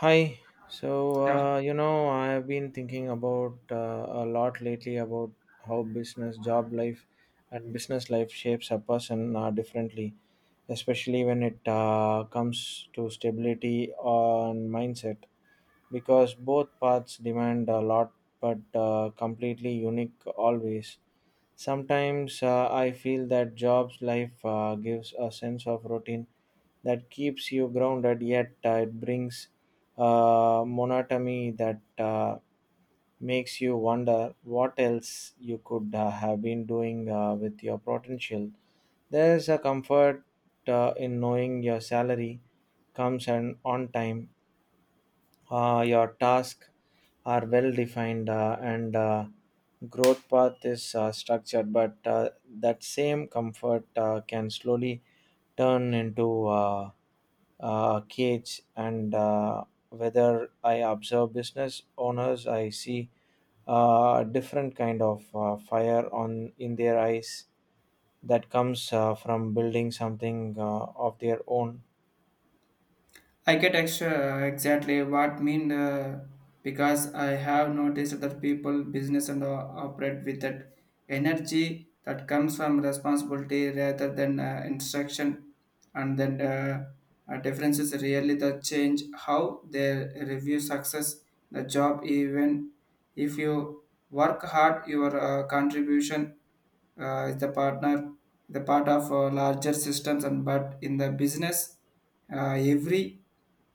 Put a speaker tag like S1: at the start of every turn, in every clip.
S1: Hi. So,
S2: Yeah,
S1: I've been thinking about a lot lately about how business, job life, and business life shapes a person differently, especially when it comes to stability and mindset, because both paths demand a lot, but completely unique always. Sometimes I feel that job's life gives a sense of routine that keeps you grounded, yet it brings monotony that makes you wonder what else you could have been doing with your potential. There is a comfort in knowing your salary comes and on time, your tasks are well defined, and growth path is structured. But that same comfort can slowly turn into cage and whether I observe business owners I see a different kind of fire on in their eyes that comes from building something of their own.
S2: I get extra exactly what mean, because I have noticed that people business and operate with that energy that comes from responsibility rather than instruction, and then differences really that change how they review success the job even if you work hard your contribution is the partner the part of larger systems and but in the business, every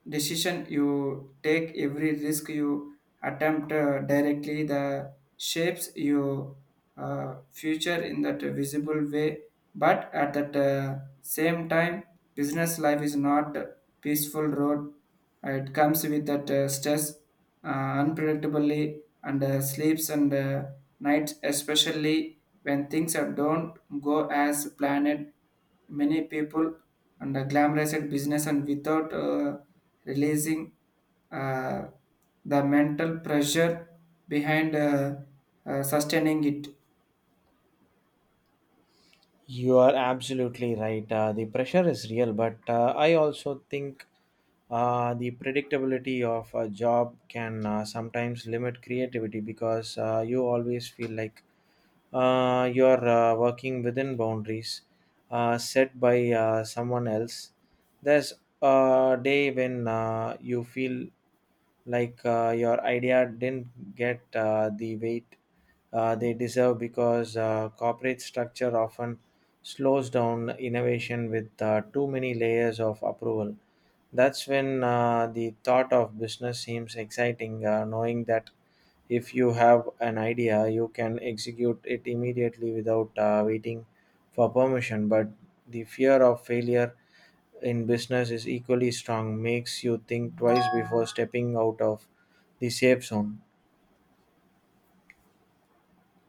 S2: decision you take, every risk you attempt, directly, the shapes your future in that visible way. But at that same time, business life is not a peaceful road. It comes with that stress, unpredictably, and sleeps and nights, especially when things are don't go as planned. Many people and glamorized business and without releasing uh, the mental pressure behind sustaining it.
S1: You are absolutely right, the pressure is real but I also think the predictability of a job can sometimes limit creativity because you always feel like you're working within boundaries set by someone else. There's a day when you feel like your idea didn't get the weight they deserve because corporate structure often slows down innovation with too many layers of approval. That's when the thought of business seems exciting, knowing that if you have an idea you can execute it immediately without waiting for permission, but the fear of failure in business is equally strong. Makes you think twice before stepping out of the safe zone.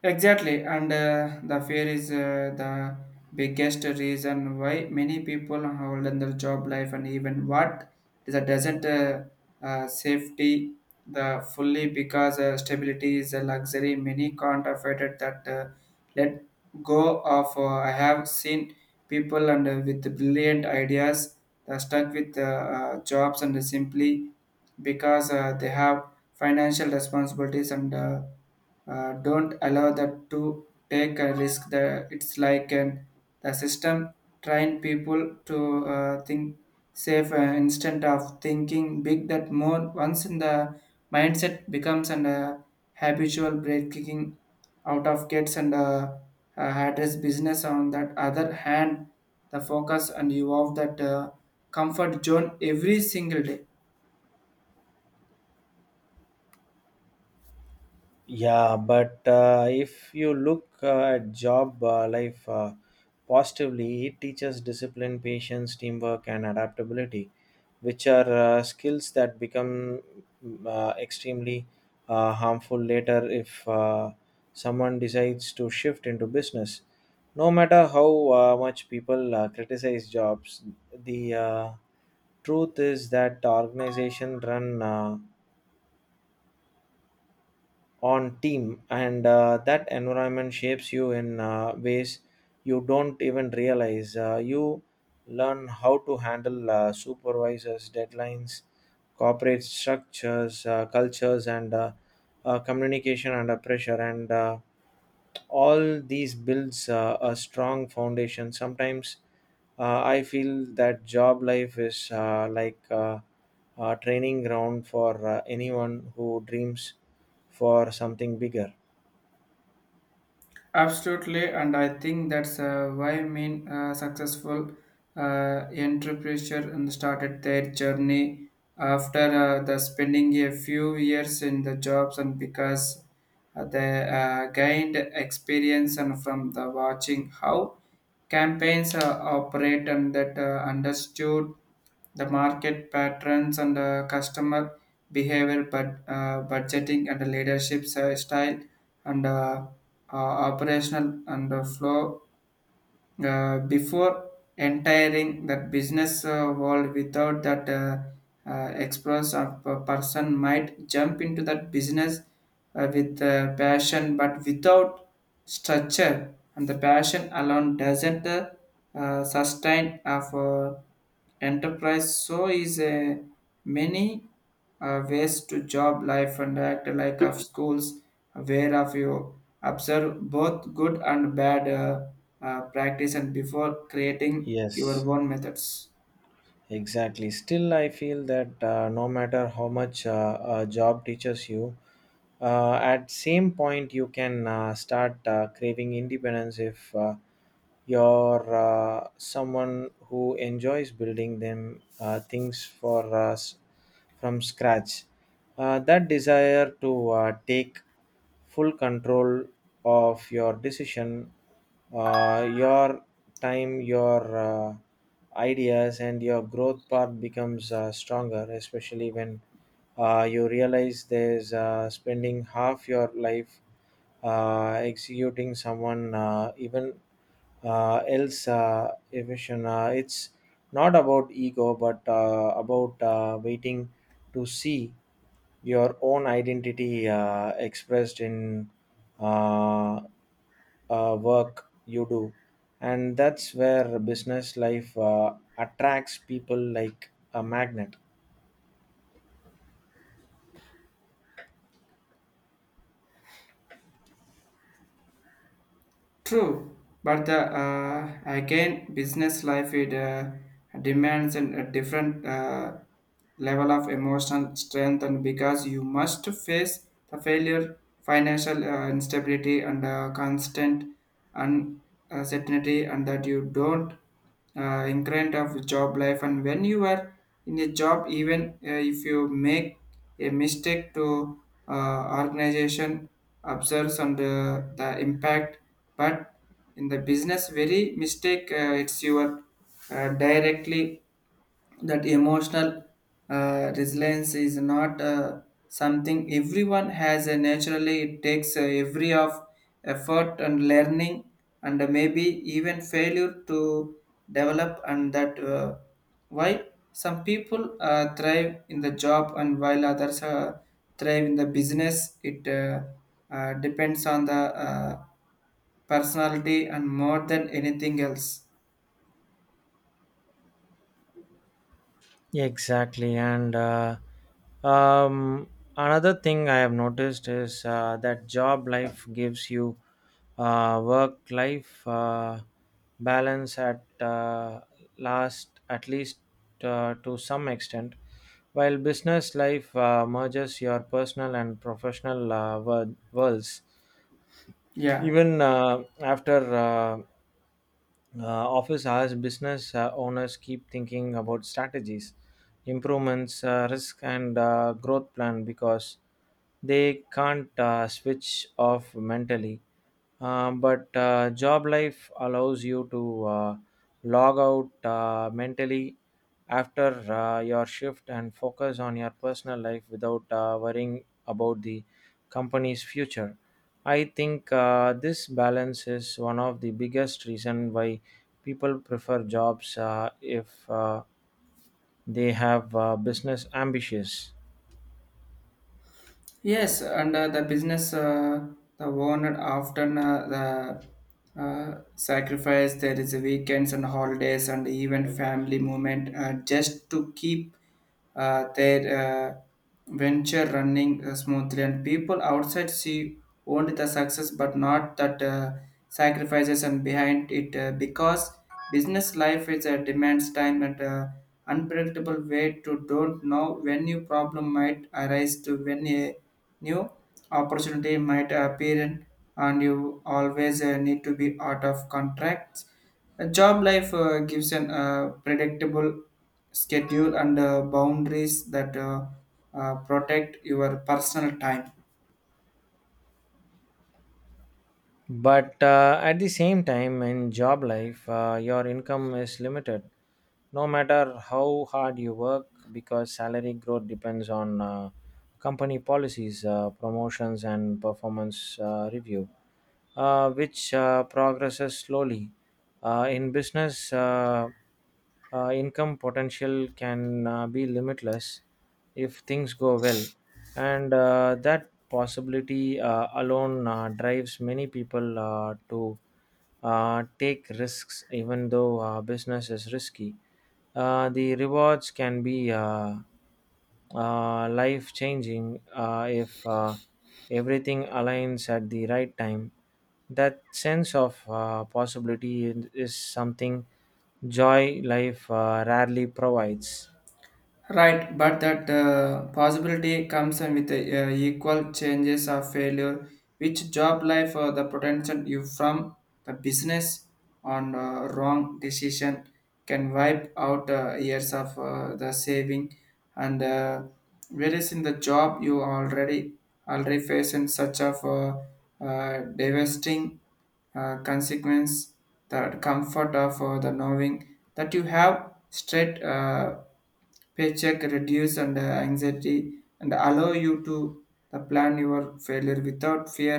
S2: Exactly, and the fear is the biggest reason why many people hold in their job life and even what is a doesn't safety the fully because stability is a luxury. Many can't afford it that let go of. I have seen people and with brilliant ideas stuck with jobs and simply because they have financial responsibilities and don't allow that to take a risk the, it's like an, the system train people to think safe instead of thinking big that more once in the mindset becomes an habitual breaking out of gates and address business on that other hand the focus and you of that comfort zone every single day.
S1: Yeah, but if you look at job life positively it teaches discipline patience teamwork and adaptability which are skills that become extremely harmful later if someone decides to shift into business. No matter how much people criticize jobs, the truth is that organizations run on team and that environment shapes you in ways you don't even realize. You learn how to handle supervisors deadlines corporate structures cultures and communication under pressure and all these builds a strong foundation. Sometimes I feel that job life is like a training ground for anyone who dreams for something bigger.
S2: Absolutely, and I think that's why mean successful entrepreneur and started their journey after the spending a few years in the jobs and because they gained experience and from the watching how campaigns operate and that understood the market patterns and customer behavior but budgeting and leadership style and uh, operational and the flow before entering that business world without that express of a person might jump into that business, with passion but without structure and the passion alone doesn't sustain of enterprise, so is a many ways to job life and act like of schools aware of you. Observe both good and bad practice and before creating your
S1: Yes.
S2: own methods.
S1: Exactly. Still, I feel that no matter how much a job teaches you, at same point you can start craving independence if you're someone who enjoys building them things for us from scratch. That desire to take full control of your decision, your time, your ideas, and your growth path becomes stronger, especially when you realize there's spending half your life executing someone even else efficient. It's not about ego, but about waiting to see your own identity expressed in uh, work you do, and that's where business life attracts people like a magnet.
S2: True, but again, business life it demands a different level of emotional strength, and because you must face the failure, financial instability, and constant uncertainty, and that you don't increment of job life, and when you are in a job even if you make a mistake to organization observes on the impact, but in the business very mistake, it's your directly. That emotional resilience is not something everyone has naturally. It takes every of effort and learning and maybe even failure to develop, and that why some people thrive in the job and while others thrive in the business. It depends on the uh, personality and more than anything else.
S1: Yeah, exactly. And um, another thing I have noticed is that job life gives you work life balance at least to some extent, while business life merges your personal and professional worlds.
S2: Yeah.
S1: Even after office hours, business owners keep thinking about strategies, improvements, risk, and growth plan because they can't switch off mentally. But job life allows you to log out mentally after your shift and focus on your personal life without worrying about the company's future. I think this balance is one of the biggest reason why people prefer jobs if they have business ambitions.
S2: Yes, and the business, the owner often the sacrifice. There is weekends and holidays and even family moment just to keep their venture running smoothly. And people outside see only the success, but not that sacrifices and behind it, because business life is a demands time and unpredictable way to don't know when your problem might arise to when a new opportunity might appear, in, and you always need to be out of contracts. A job life gives an predictable schedule and boundaries that protect your personal time.
S1: But at the same time, in job life, your income is limited no matter how hard you work because salary growth depends on company policies, promotions, and performance review, which progresses slowly. In business, income potential can be limitless if things go well, and that possibility alone drives many people to take risks. Even though business is risky, the rewards can be life changing if everything aligns at the right time. That sense of possibility is something joy life rarely provides.
S2: Right, but that possibility comes in with equal changes of failure, which job life or the potential you from the business on wrong decision can wipe out years of the saving, and whereas in the job you already face in such of devastating consequence. The comfort of the knowing that you have straight paycheck reduce and anxiety and allow you to the plan your failure without fear.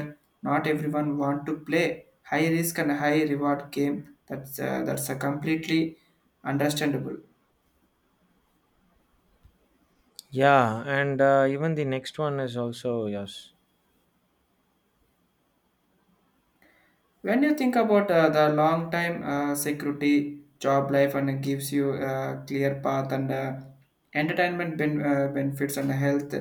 S2: Not everyone want to play high risk and high reward game. That's a completely understandable.
S1: Yeah, and even the next one is also yes.
S2: When you think about the long time security, job life and gives you a clear path and entertainment benefits and health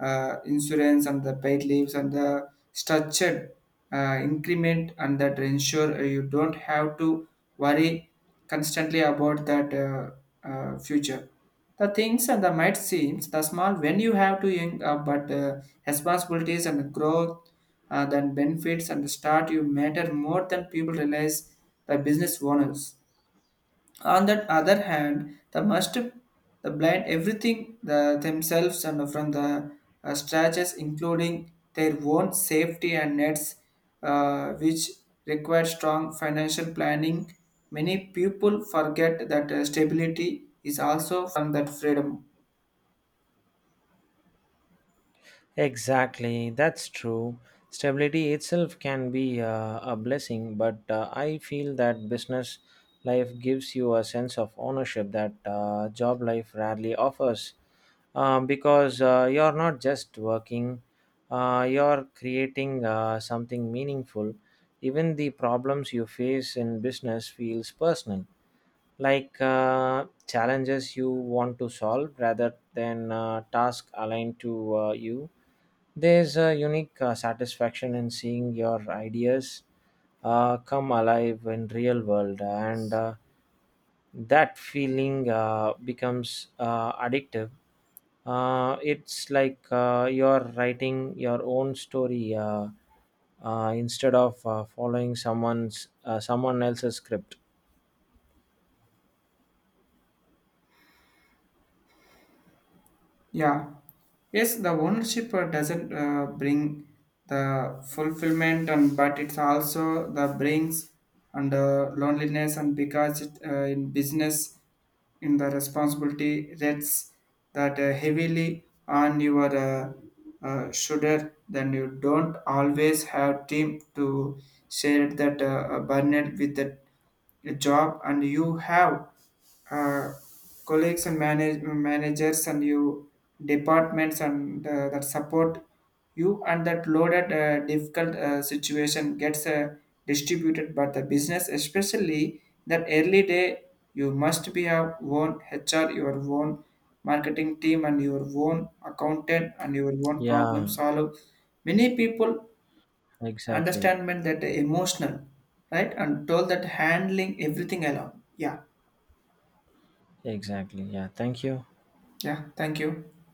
S2: insurance and the paid leaves and the structured increment, and that ensure you don't have to worry constantly about that future. The things and the might seems the small when you have to young up, but responsibilities and growth then benefits and start you matter more than people realize the business owners. On the other hand, the must the blind everything the, themselves and from the stretches, including their own safety and nets, which require strong financial planning. Many people forget that stability is also from that freedom.
S1: Exactly, that's true. Stability itself can be a blessing, but I feel that business life gives you a sense of ownership that job life rarely offers, because you're not just working, you're creating something meaningful. Even the problems you face in business feels personal, like challenges you want to solve rather than tasks aligned to you. There's a unique satisfaction in seeing your ideas come alive in real world, and that feeling becomes addictive. It's like you're writing your own story instead of following someone else's script.
S2: Yeah. Yes, the ownership doesn't bring the fulfillment, and but it's also the brings and loneliness, and because it, in business, in the responsibility rests that heavily on your shoulder, then you don't always have team to share that burden with that. A job and you have uh, colleagues and managers and you departments and that support you, and that loaded difficult situation gets distributed, but the business especially that early day you must be have own HR your own marketing team and your own accountant and your own problem
S1: Yeah,
S2: solve. Many people
S1: exactly,
S2: understand meant that emotional right and told that handling everything alone. Yeah.
S1: exactly. Yeah, thank you.
S2: Yeah, thank you.